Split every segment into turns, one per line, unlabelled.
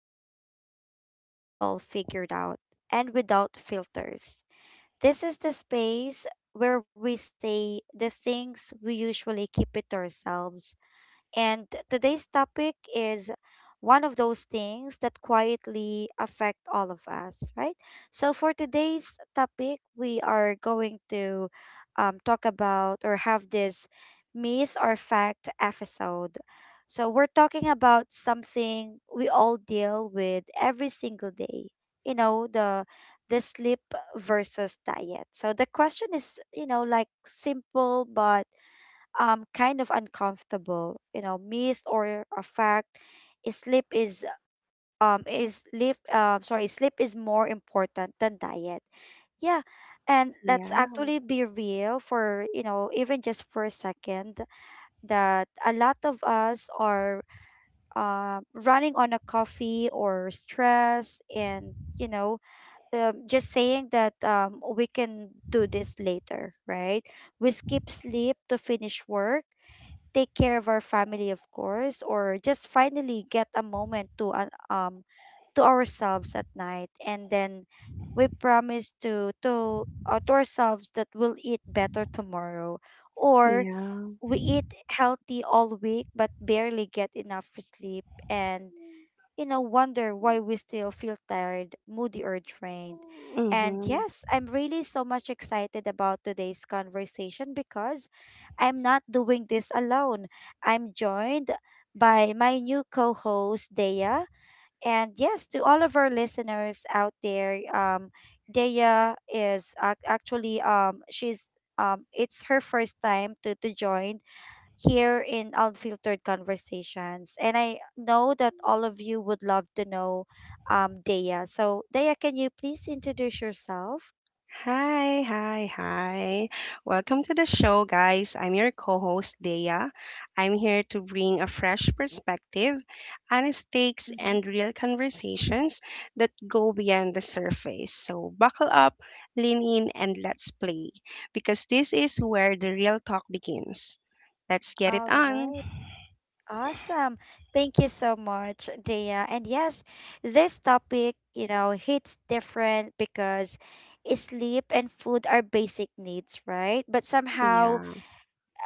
without pretending we have it all figured out, and without filters. This is the space where we say the things we usually keep it to ourselves, and today's topic is one of those things that quietly affect all of us, right? So for today's topic, we are going to talk about or have this myth or fact episode. So we're talking about something we all deal with every single day. You know, the sleep versus diet. So the question is, you know, like simple but kind of uncomfortable, you know, myth or a fact: is sleep is is sleep sorry sleep is more important than diet. Yeah. And let's
Yeah.
actually be real for, you know, even just for a second that a lot of us are running on a coffee or stress, and, you know, just saying that, we can do this later, right? We skip sleep to finish work, take care of our family, of course, or just finally get a moment to ourselves at night, and then we promise to ourselves that we'll eat better tomorrow, or
Yeah.
we eat healthy all week but barely get enough sleep, and, you know, wonder why we still feel tired, moody, or drained. And
Mm-hmm.
yes, I'm really so much excited about today's conversation because I'm not doing this alone. I'm joined by my new co host, Dea. And yes, to all of our listeners out there, Dea is actually, she's. It's her first time to join here in Unfiltered Conversations. And I know that all of you would love to know, Dea. So, Dea, can you please introduce yourself?
Hi, hi, hi. Welcome to the show, guys. I'm your co host, Dea. I'm here to bring a fresh perspective, honest takes,
Mhm.
and real conversations that go beyond the surface. So, buckle up, lean in, and let's play because this is where the real talk begins. Let's get it
All
on.
right. Awesome. Thank you so much, Dea. And yes, this topic, you know, hits different because sleep and food are basic needs, right? But somehow,
Yeah,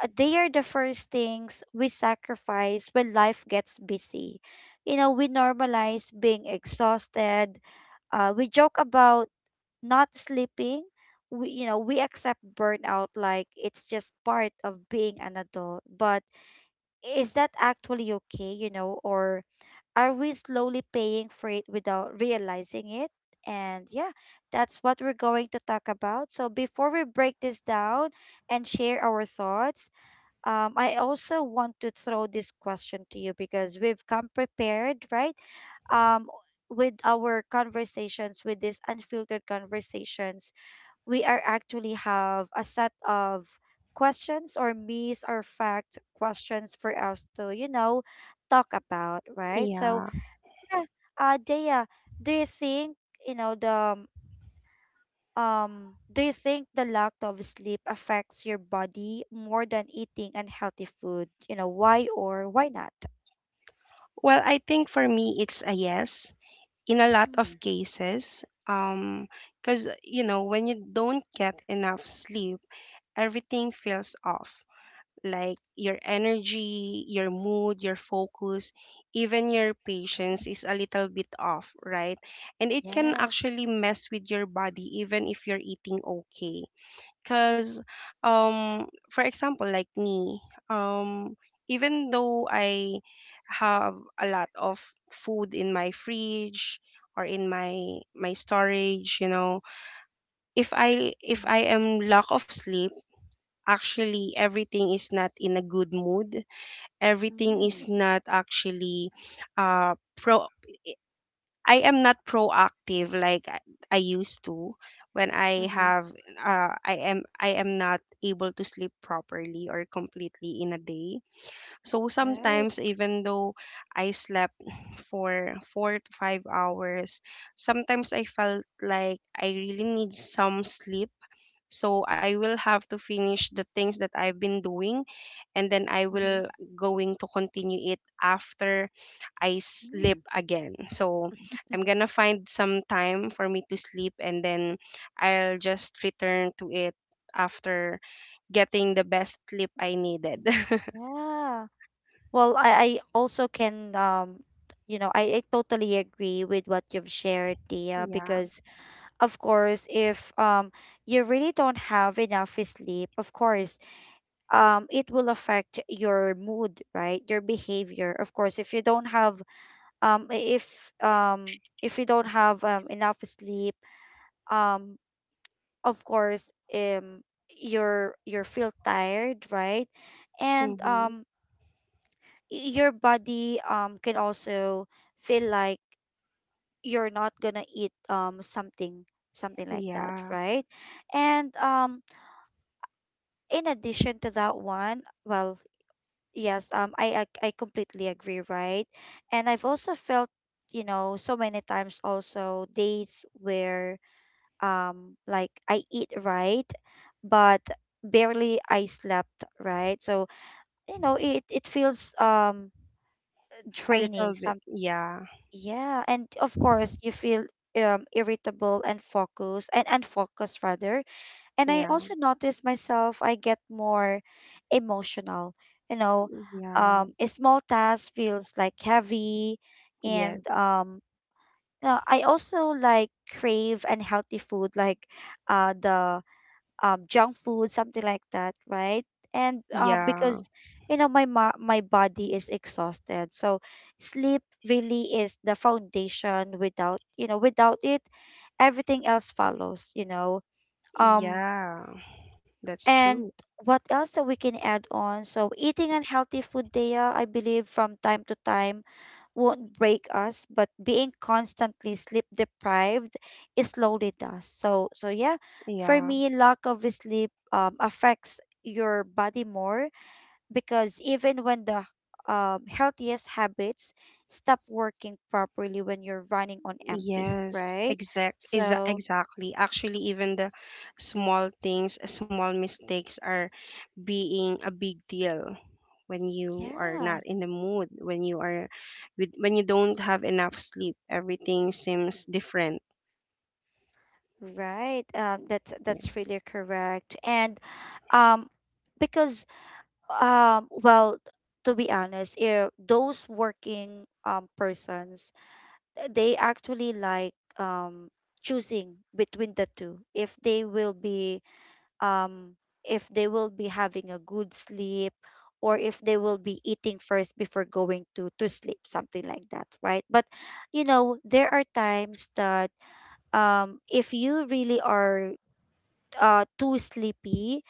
they are the first things we sacrifice when life gets busy. You know, we normalize being exhausted. We joke about not sleeping. We accept burnout like it's just part of being an adult. But is that actually okay, you know, or are we slowly paying for it without realizing it? And yeah, that's what we're going to talk about. So before we break this down and share our thoughts, I also want to throw this question to you because we've come prepared, right? Um, with our conversations, with these unfiltered conversations, we are actually have a set of questions or myths or fact questions for us to, you know, talk about, right? So
yeah.
yeah, Dea, do you think you know the um, do you think the lack of sleep affects your body more than eating unhealthy food? You know, why or why not?
Well, I think for me, it's a yes, in a lot
Hmm.
of cases, because you know, when you don't get enough sleep, everything feels off, like your energy, your mood, your focus, even your
Mhm.
patience is a little bit off, right? And it can
Yes.
actually mess with your body even if you're eating okay, because, for example, like me, um, even though I have a lot of food in my fridge or in my storage, you know, if
Mm-hmm.
I am lack of sleep, actually everything is not in a good mood. Everything
Mm.
is not actually pro. I am not proactive like I used to when I
Mm-hmm.
have I am not able to sleep properly or completely in a day. So
Right.
sometimes even though I slept for 4 to 5 hours, sometimes I felt like I really need some sleep. So I will have to finish the things that I've been doing and then I
Mm-hmm.
will going to continue it after I sleep
Mm.
again. So I'm gonna find some time for me to sleep and then I'll just return to it after getting the best sleep I needed.
Yeah. Well, I also can you know, I totally agree with what you've shared, Dia,
Yeah.
because of course if you really don't have enough sleep, of course, it will affect your mood, right? Your behavior. Of course, if you don't have if you don't have, enough sleep, um of course, um you feel tired, right? And
Hmm.
your body can also feel like you're not gonna eat something like that,
Yeah.
right? And in addition to that one, well, yes, I completely agree, right? And I've also felt, you know, so many times also days where like I eat right, but barely I slept, right? So, you know, it feels
A
draining
little bit.
some.
Yeah.
Yeah, and of course you feel irritable and focus and unfocused rather. And I
Yeah.
also notice myself, I get more emotional. You know,
Yeah.
a small task feels like heavy.
Yeah.
And, you know, I also like crave unhealthy food, like the junk food, something like that, right? And,
Yeah.
because, you know, my body is exhausted. So sleep really is the foundation. Without, you know, without it, everything else follows, you know. Um,
Yeah. That's
and
true.
what else that we can add on? So eating unhealthy food, Dea, I believe from time to time won't break us, but being constantly sleep deprived, it slowly does. Yeah, for
Yeah.
me, lack of sleep affects your body more because even when the healthiest habits stop working properly when you're running on empty,
Yes.
right?
Exact. Is
So
exactly. Actually, even the small things, small mistakes are being a big deal when you are
yeah.
not in the mood, when you are with, when you don't have enough sleep, everything seems different.
Right. That's really correct. And um because, well, to be honest, if those working persons, they actually like, choosing between the two. Um if they will be having a good sleep or if they will be eating first before going to sleep, something like that, right? But, you know, there are times that, if you really are too sleepy,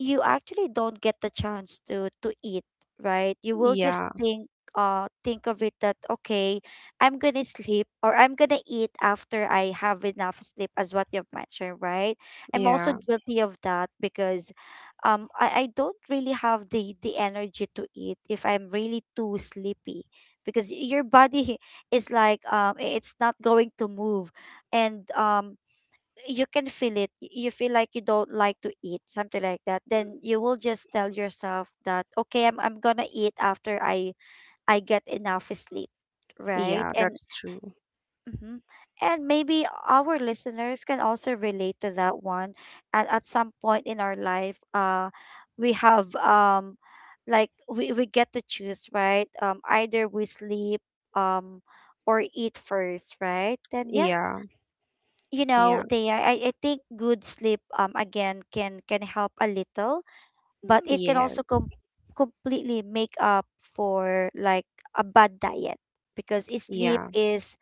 you actually don't get the chance to eat, right? You will just
Yeah,
think of it that, okay, I'm gonna sleep or I'm gonna eat after I have enough sleep as what you've mentioned, right? I'm also
yeah,
guilty of that because, I don't really have the energy to eat if I'm really too sleepy because your body is like it's not going to move, and you can feel it. You feel like you don't like to eat, something like that. Then you will just tell yourself that, okay, I'm gonna eat after I get enough sleep, right?
yeah,
And
that's true.
mhm. And maybe our listeners can also relate to that one. At some point in our life, we have, like we get to choose, right? Either we sleep, um, or eat first, right? Then yeah,
Yeah,
you
yeah,
know, they I, I think good sleep, again, can help a little, but it can
yes,
also completely make up for, like, a bad diet because sleep
yeah,
is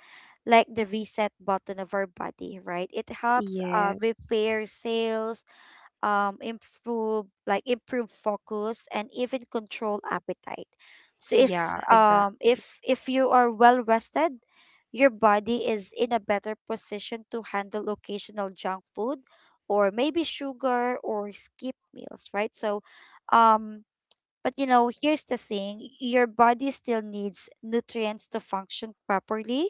like the reset button of our body, right? It helps
yes,
repair cells, improve, like, improve focus and even control appetite. So if,
yeah,
um,
exactly,
if if you are well rested, your body is in a better position to handle occasional junk food or maybe sugar or skip meals, right? Um, but, you know, here's the thing: your body still needs nutrients to function properly.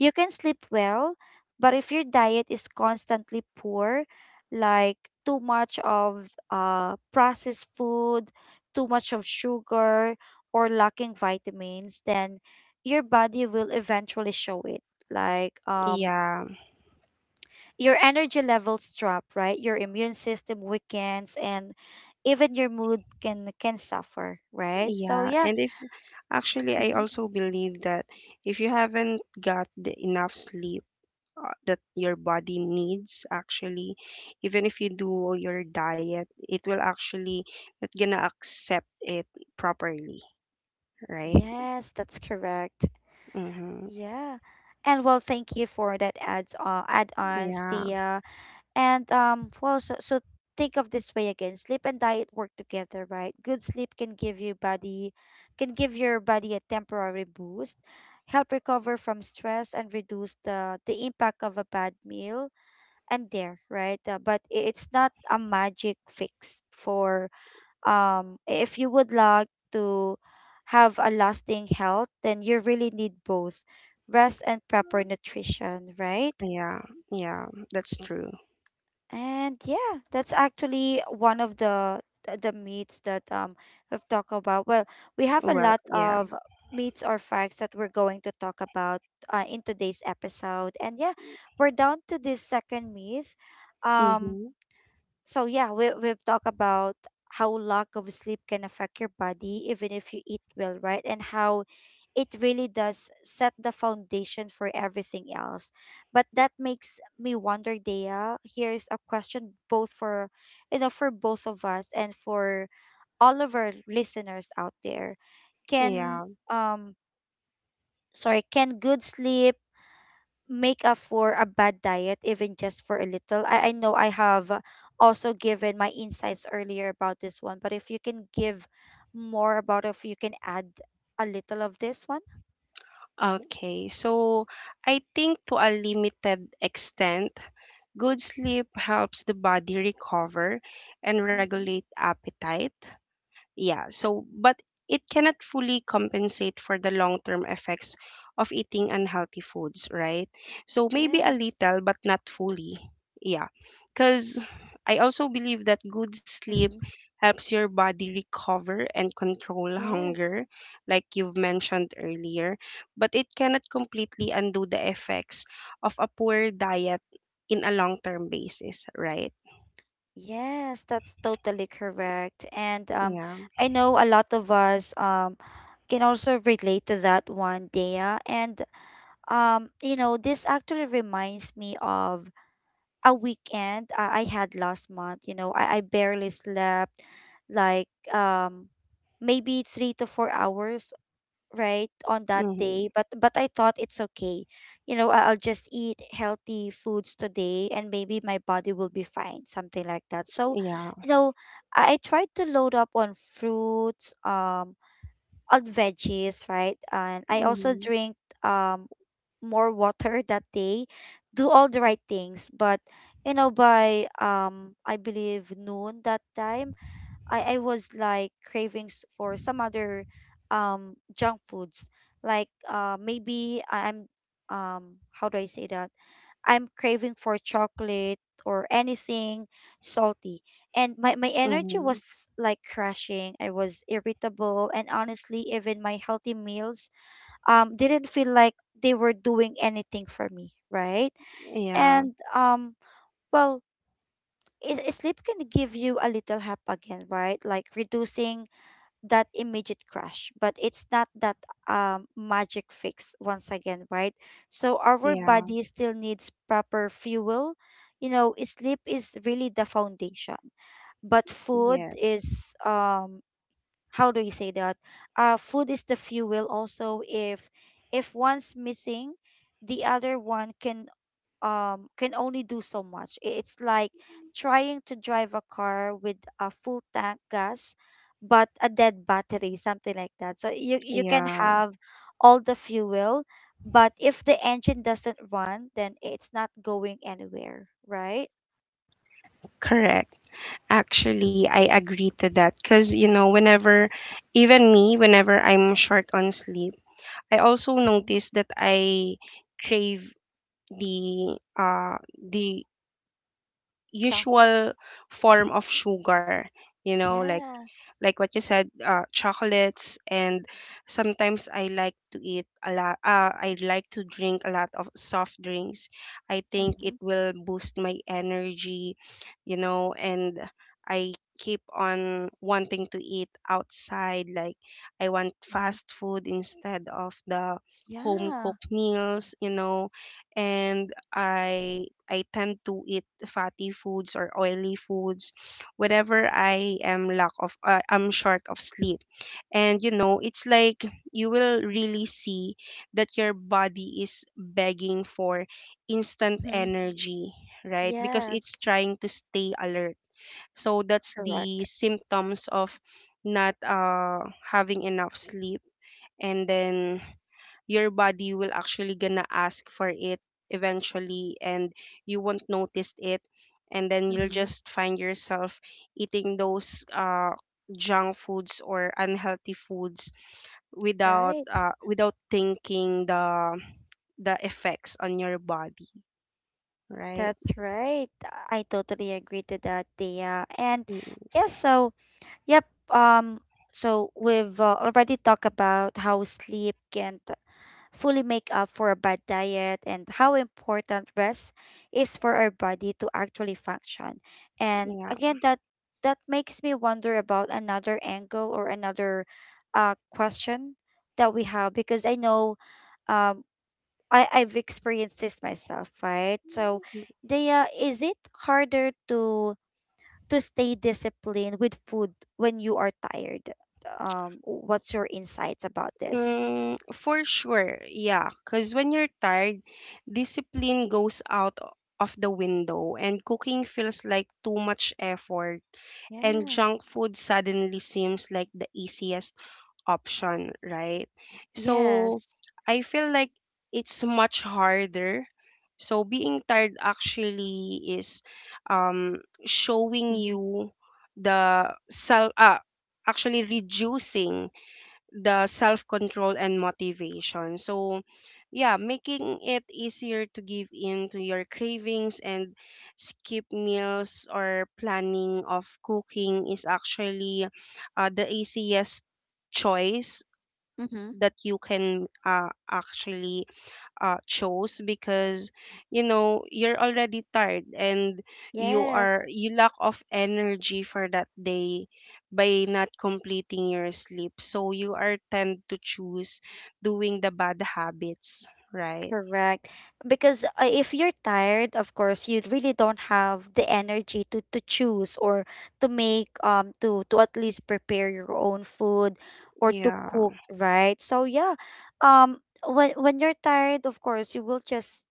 You can sleep well, but if your diet is constantly poor, like too much of, processed food, too much of sugar, or lacking vitamins, then your body will eventually show it. Like,
yeah,
your energy levels drop, right? Your immune system weakens and even your mood can suffer, right? So
yeah.
yeah.
And if actually I
Mhm.
also believe that if you haven't got the enough sleep, that your body needs, actually even if you do your diet, it will actually not gonna accept it properly, right?
Yes, that's correct.
Mm-hmm.
Yeah. And, well, thank you for that adds add-ons,
Yeah,
Thea. And, well, think of this way again. Sleep and diet work together, right? Good sleep can give you body can give your body a temporary boost, help recover from stress and reduce the impact of a bad meal and there, right? But it's not a magic fix for, if you would like to have a lasting health, then you really need both rest and proper nutrition, right?
yeah, yeah, that's true.
And yeah, that's actually one of the the meats that, we've talked about. Well, we have a
Well,
lot
yeah.
of meats or facts that we're going to talk about, in today's episode, and yeah, we're down to this second meat. um
Mm-hmm.
So yeah, we've talked about how lack of sleep can affect your body even if you eat well, right? And how it really does set the foundation for everything else. But that makes me wonder, Dea, here's a question both for, you know, for both of us and for all of our listeners out there. Can
Yeah.
um can good sleep make up for a bad diet, even just for a little? I know I have also given my insights earlier about this one, but if you can give more about, if you can add a little of this one.
Okay, so I think to a limited extent, good sleep helps the body recover and regulate
Mm-hmm.
appetite. Yeah, so but it cannot fully compensate for the long-term effects of eating unhealthy foods, right? So maybe a
Yes.
little but not fully. Yeah. Cuz I also believe that good sleep
Mm-hmm.
helps your body recover and control
Yes.
hunger, like you've mentioned earlier, but it cannot completely undo the effects of a poor diet in a long-term basis, right?
Yes, that's totally correct. And,
Yeah.
I know a lot of us, can also relate to that one, Dea. And, you know, this actually reminds me of a weekend, I had last month. You know, I barely slept, like, maybe 3 to 4 hours right on that day,
Mhm.
but I thought it's okay, you know, I'll just eat healthy foods today and maybe my body will be fine, something like that. So,
Yeah.
you know, I tried to load up on fruits, on veggies, right? And I also
Mhm.
drink um more water that day. Do all the right things, but by I believe noon that time, I was like cravings for some other junk foods. Like maybe I- I'm um how do I say that? I'm craving for chocolate or anything salty. And my energy
Mhm.
was like crashing. I was irritable and honestly even my healthy meals didn't feel like they were doing anything for me, right?
Yeah,
And well, sleep can give you a little help again, right? Like reducing that immediate crash, but it's not that magic fix once again, right? So our
yeah,
body still needs proper fuel. You know, sleep is really the foundation, but food
yeah,
is how do you say that? Food is the fuel. Also, if one's missing, the other one can only do so much. It's like trying to drive a car with a full tank gas but a dead battery, something like that. So you can
yeah,
have all the fuel, but if the engine doesn't run, then it's not going anywhere, right?
correct. Actually, I agree to that because, you know, whenever, even me, whenever I'm short on sleep, I also
Mm-hmm.
notice that I crave the uh the
Junk food.
usual
Hmm.
form of sugar, you know,
Yeah.
like what you said, chocolates, and sometimes I like to eat a lot. I like to drink a lot of soft drinks. I think
Mm-hmm.
it will boost my energy, you know, and I keep on wanting to eat outside. Like I want
Hmm.
fast food instead of the home
Yeah.
cooked meals, you know, and I tend to eat fatty foods or oily foods whenever I am lack of I'm short of sleep. And you know, it's like you will really see that your body is begging for instant
Mm-hmm.
energy, right? Because
Yes.
it's trying to stay alert. So that's the
Correct.
symptoms of not having enough sleep, and then your body will actually gonna ask for it eventually and you won't notice it, and then you'll
Mm-hmm.
just find yourself eating those junk foods or unhealthy foods without
Right.
without thinking the effects on your body, right?
That's right. I totally agree to that, Thea. And
Mm,
yes, so yep. Um, so we've already talked about how sleep can't fully make up for a bad diet and how important rest is for our body to actually function. And
yeah.
again, that makes me wonder about another angle or another question that we have because I know um I've experienced this myself, right? So, Dea, is it harder to stay disciplined with food when you are tired? What's your insights about this?
Mm, for sure, yeah. Because when you're tired, discipline goes out of the window, and cooking feels like too much effort, and
Yeah.
junk food suddenly seems like the easiest option, right? So
Yes.
I feel like it's much harder. So being tired actually is, showing
Mhm.
you the self, actually reducing the self control and motivation. So, yeah, making it easier to give in to your cravings and skip meals or planning of cooking is actually the easiest choice
Mm-hmm.
that you can actually chose because you know you're already tired and you
Yes.
are you lack of energy for that day by not completing your sleep, so you are tend to choose doing the bad habits, right?
Correct. Because if you're tired, of course, you really don't have the energy to choose or to make to at least prepare your own food or to
Yeah,
cook, right? So yeah, um when you're tired, of course, you will just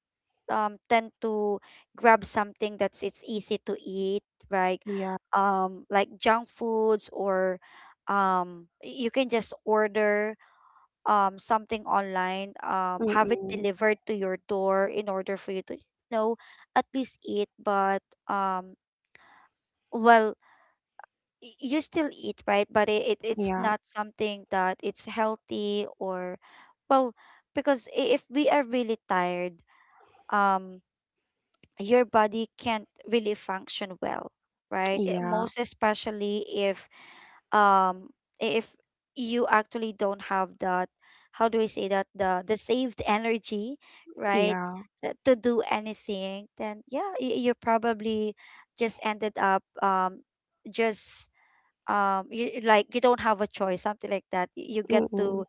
tend to grab something that's it's easy to eat, right?
yeah.
Like junk foods or you can just order something online, have it
Mm-mm.
delivered to your door in order for you to, you know, at least eat, but um well you still eat, right? But it's
Yeah,
not something that it's healthy or well, because if we are really tired, um your body can't really function well, right? It-
yeah,
most especially um if you actually don't have that how do I say that the saved energy right
yeah.
that to do anything then yeah you probably just ended up just you like you don't have a choice something like that. You get
Mm-mm.
to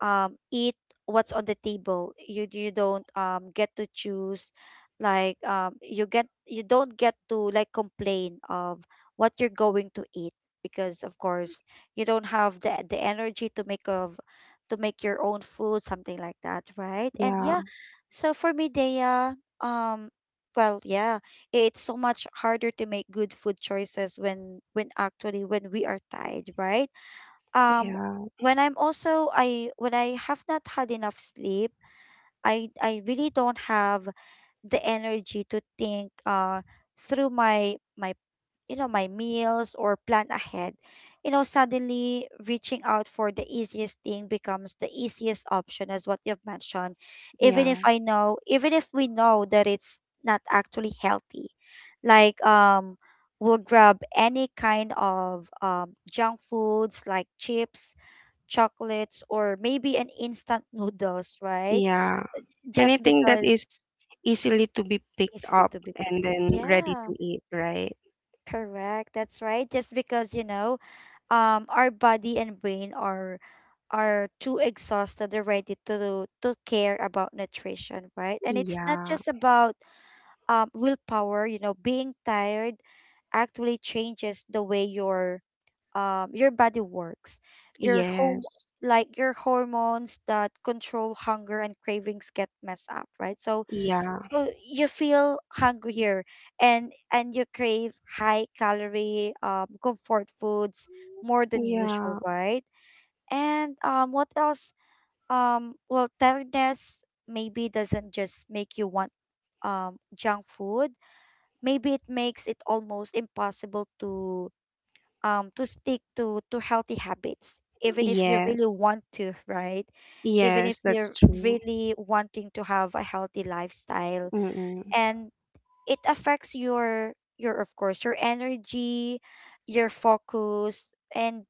eat what's on the table. You don't get to choose, like you get you don't get to like complain of what you're going to eat because of course you don't have the energy to make your own food something like that, right? And
Yeah,
yeah, so for me, Dea, um, yeah, it's so much harder to make good food choices when actually when we are tired, right? um
yeah,
when I'm also I when I have not had enough sleep I really don't have the energy to think through my my you know my meals or plan ahead. You know, suddenly reaching out for the easiest thing becomes the easiest option as what you've mentioned. Even
yeah,
if I know, even if we know that it's not actually healthy. Like we'll grab any kind of junk foods like chips, chocolates or maybe an instant noodles, right?
yeah,
Just
anything that
because
is easily to be picked
easily
up
to be picked.
and then ready
Yeah,
to eat, right?
correct. That's right. Just because, you know, our body and brain are too exhausted already to care about nutrition, right? And it's not
Yeah.
just about willpower, you know, being tired actually changes the way your body works. Your home
Yes.
like Your hormones that control hunger and cravings get messed up, right? So
Yeah.
so you feel hungrier and you crave high calorie comfort foods more than usual,
Yeah.
right? And what else? Tiredness maybe doesn't just make you want junk food. Maybe it makes it almost impossible to stick to healthy habits even if you really
Yes.
want to, right? Even if
Yes, that's
you're
true.
really wanting to have a healthy lifestyle
Mm-mm.
and it affects your of course your energy your focus and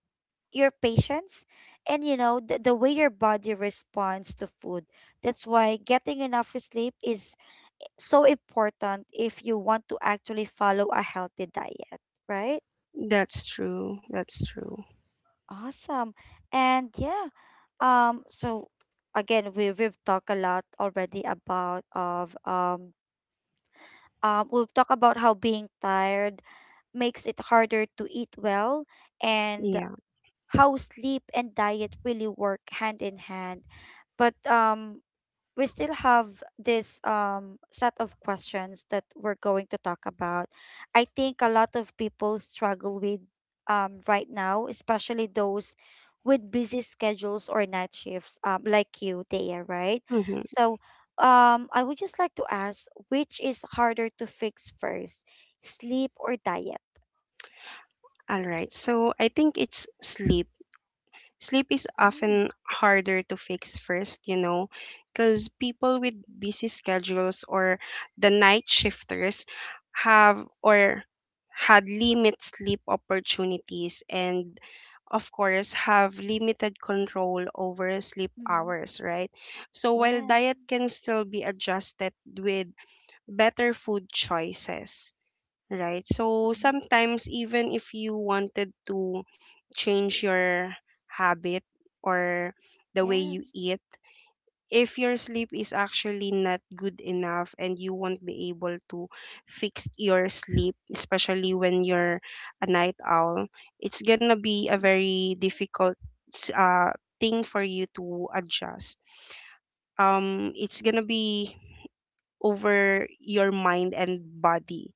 your patience and you know the way your body responds to food. That's why getting enough sleep is so important if you want to actually follow a healthy diet, right?
That's true. That's true.
Awesome. And yeah, so again we've talked a lot already about of we've talked about how being tired makes it harder to eat well and
Yeah.
how sleep and diet really work hand in hand. But we still have this set of questions that we're going to talk about. I think a lot of people struggle with right now, especially those with busy schedules or night shifts, like you, Thea, right?
Mm-hmm.
So I would just like to ask which is harder to fix first, sleep or diet?
All right. So I think it's sleep. Sleep is
Hmm.
often harder to fix first, you know, because people with busy schedules or the night shifters have or had limited sleep opportunities and of course, have limited control over sleep
Mm-hmm.
hours, right? So while
Yes.
diet can still be adjusted with better food choices, right? So
Mm-hmm.
sometimes even if you wanted to change your habit or the way you
Yes.
eat, if your sleep is actually not good enough and you won't be able to fix your sleep, especially when you're a night owl, it's gonna be a
Mm-hmm.
very difficult s- uh, thing for you to adjust. It's gonna be over your mind and body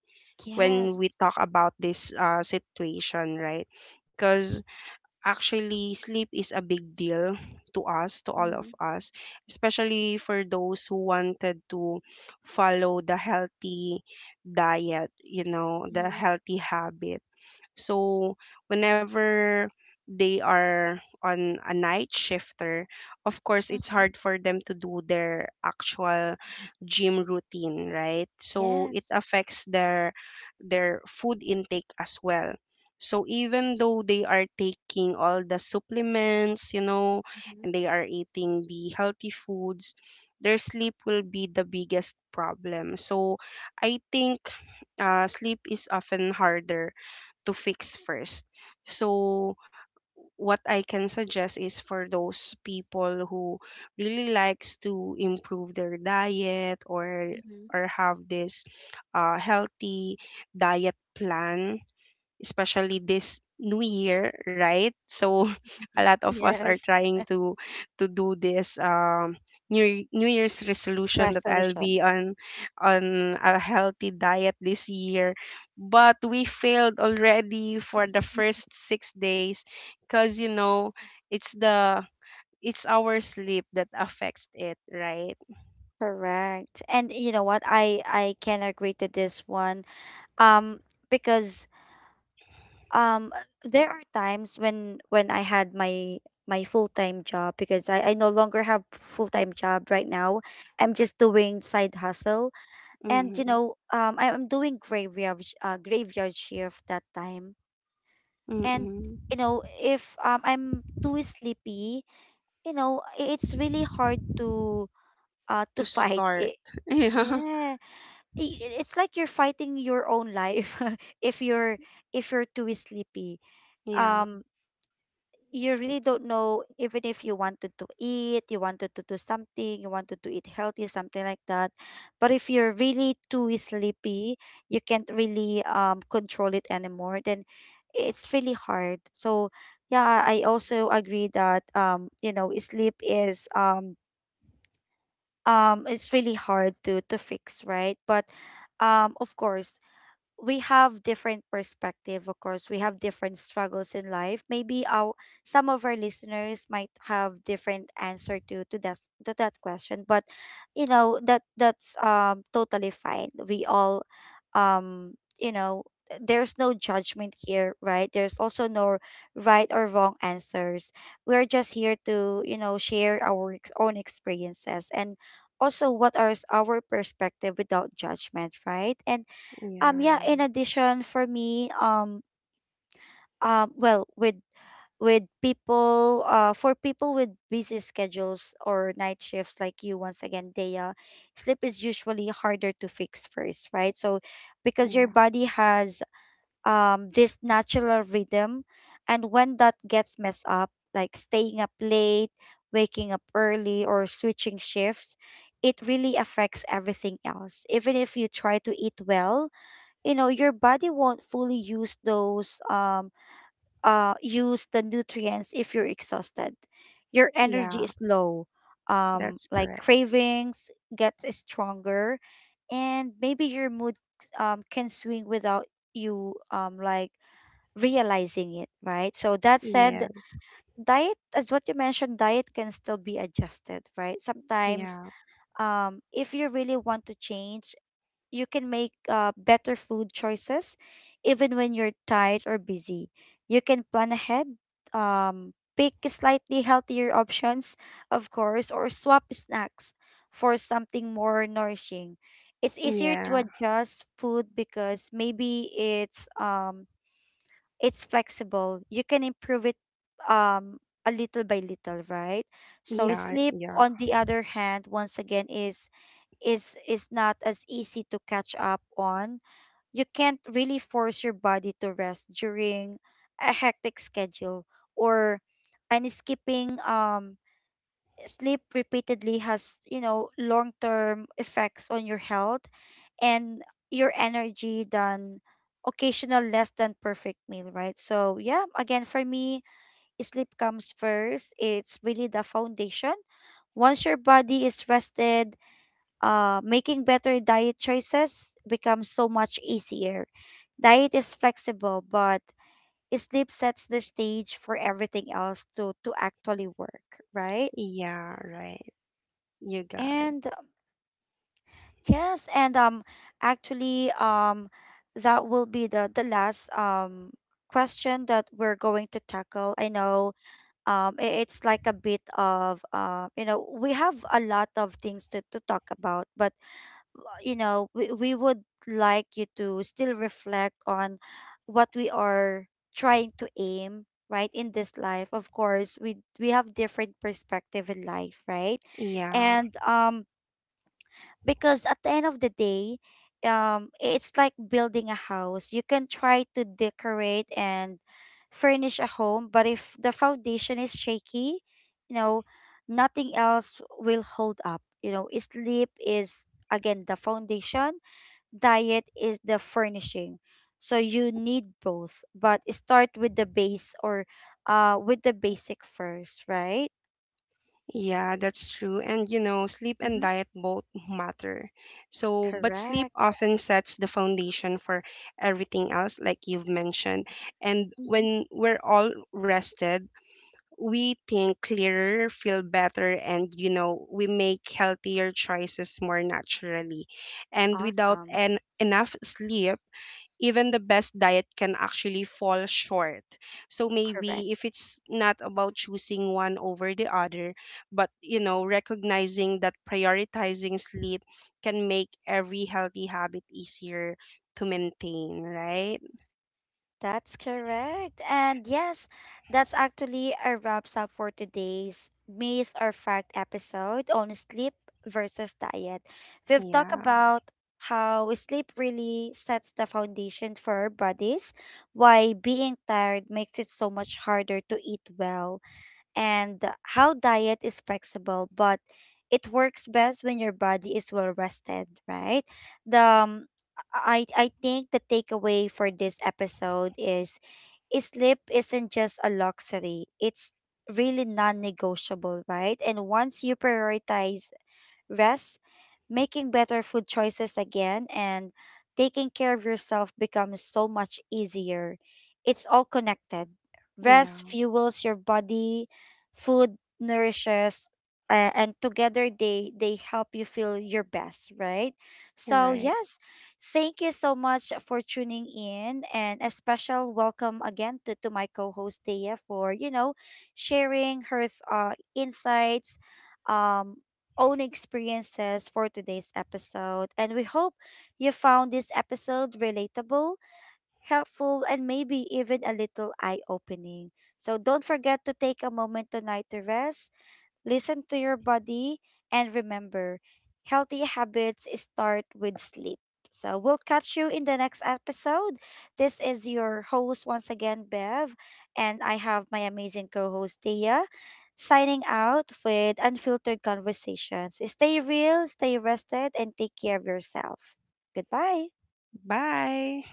when
Yes.
we talk about this situation, right? Because actually, sleep is a big deal to us, to all of
Mm-hmm.
us, especially for those who wanted to follow the healthy diet, you know, the
Mm-hmm.
healthy habit. So whenever they are on a night shifter, of course it's
Mm-hmm.
hard for them to do their actual gym routine, right? So it
Yes.
affects their food intake as well. So even though they are taking all the supplements, you know,
Mm-hmm.
and they are eating the healthy foods, their sleep will be the biggest problem. So I think sleep is often harder to fix first. So what I can suggest is for those people who really likes to improve their diet
Mm-hmm.
or have this healthy diet plan, especially this new year, right? So a
Mm-hmm.
lot of us are
Yes.
trying to do this new year's resolution that I'll
Resolution.
be on a healthy diet this year. But we failed already for the first 6 days cuz you know, it's the it's our sleep that affects it, right?
Correct. And you know what? I can agree to this one. Um, because um, there are times when I had my full-time job because I no longer have full-time job right now. I'm just doing side hustle, and you
Mm-hmm.
know I am doing graveyard shift that time. And
Mm-hmm.
you know if I'm too sleepy, you know it's really hard to
To
fight
start.
it. Yeah, it's like you're fighting your own life if you're if you're too sleepy.
Yeah.
um you really don't know. Even if you wanted to eat, you wanted to do something, you wanted to eat healthy something like that, but if you're really too sleepy you can't really control it anymore, then it's really hard. So yeah, I also agree that you know sleep is it's really hard to fix, right? But of course we have different perspective, of course we have different struggles in life. Maybe our some of our listeners might have different answer to to that question. But you know that's totally fine. We all um you know, there's no judgment here, right? There's also no right or wrong answers. We're just here to, you know, share our own experiences, and also what are our perspective without judgment, right? And yeah,
Yeah.
in addition for me, um well with with people for people with busy schedules or night shifts like you once again, Dea, sleep is usually harder to fix first, right? So
Yeah.
because your
Yeah.
body has this natural rhythm, and when that gets messed up, like staying up late, waking up early or switching shifts, it really affects everything else. Even if you try to eat well, you know your body won't fully use those use the nutrients. If you're exhausted, your energy
Yeah.
is low,
That's
like
correct.
cravings gets stronger, and maybe your mood can swing without you realizing it, right? So that
Yeah,
said, diet, as what you mentioned, diet can still be adjusted, right? Sometimes
yeah,
if you really want to change, you can make better food choices even when you're tired or busy. You can plan ahead, pick slightly healthier options, of course, or swap snacks for something more nourishing. It's easier to
yeah,
adjust food because maybe it's flexible. You can improve it um a little by little, right? So
yeah,
sleep
yeah,
on the other hand once again is is not as easy to catch up on. You can't really force your body to rest during a hectic schedule, or and skipping sleep repeatedly has, you know, long-term effects on your health and your energy than occasional less than perfect meal, right? So, yeah, again for me, sleep comes first. It's really the foundation. Once your body is rested, making better diet choices becomes so much easier. Diet is flexible, but sleep sets the stage for everything else to actually work, right?
yeah, right. You got it.
And yes, and actually, that will be the last question that we're going to tackle. I know it's like a bit of you know we have a lot of things to talk about, but you know, we would like you to still reflect on what we are trying to aim, right, in this life. Of course, we have different perspective in life, right?
Yeah,
And because at the end of the day, it's like building a house. You can try to decorate and furnish a home, but if the foundation is shaky, you know, nothing else will hold up. You know, sleep is again the foundation, diet is the furnishing. So you need both, but start with the base, or with the basic first, right?
yeah, that's true. And you know, sleep and
Mm-hmm.
diet both matter. So, but sleep
Correct.
often sets the foundation for everything else, like you've mentioned. And
Mm-hmm.
when we're all rested, we think clearer, feel better, and you know, we make healthier choices more naturally. And without
Awesome.
an enough sleep, even the best diet can actually fall short. So maybe if
Correct.
it's not about choosing one over the other, but you know, recognizing that prioritizing sleep can make every healthy habit easier to maintain, right?
That's correct. And yes, that's actually a wraps up for today's Maze or Fact episode on sleep versus diet. We've talked
Yeah.
about how sleep really sets the foundation for our bodies, why being tired makes it so much harder to eat well, and how diet is flexible, but it works best when your body is well rested, right? The I think the takeaway for this episode is sleep isn't just a luxury. It's really non-negotiable, right? And once you prioritize rest, making better food choices again, and taking care of yourself becomes so much easier. It's all connected. Rest
Yeah.
fuels your body, food nourishes, and together they help you feel your best, right?
Right.
So, yes, thank you so much for tuning in, and a special welcome again to my co-host Thea for, you know, sharing her insights um, own experiences for today's episode. And we hope you found this episode relatable, helpful, and maybe even a little eye opening. So don't forget to take a moment tonight to rest. Listen to your body, and remember, healthy habits start with sleep. So we'll catch you in the next episode. This is your host once again, Bev, and I have my amazing co-host Thea, signing out with unfiltered conversations. Stay real, stay rested, and take care of yourself. Goodbye.
Bye.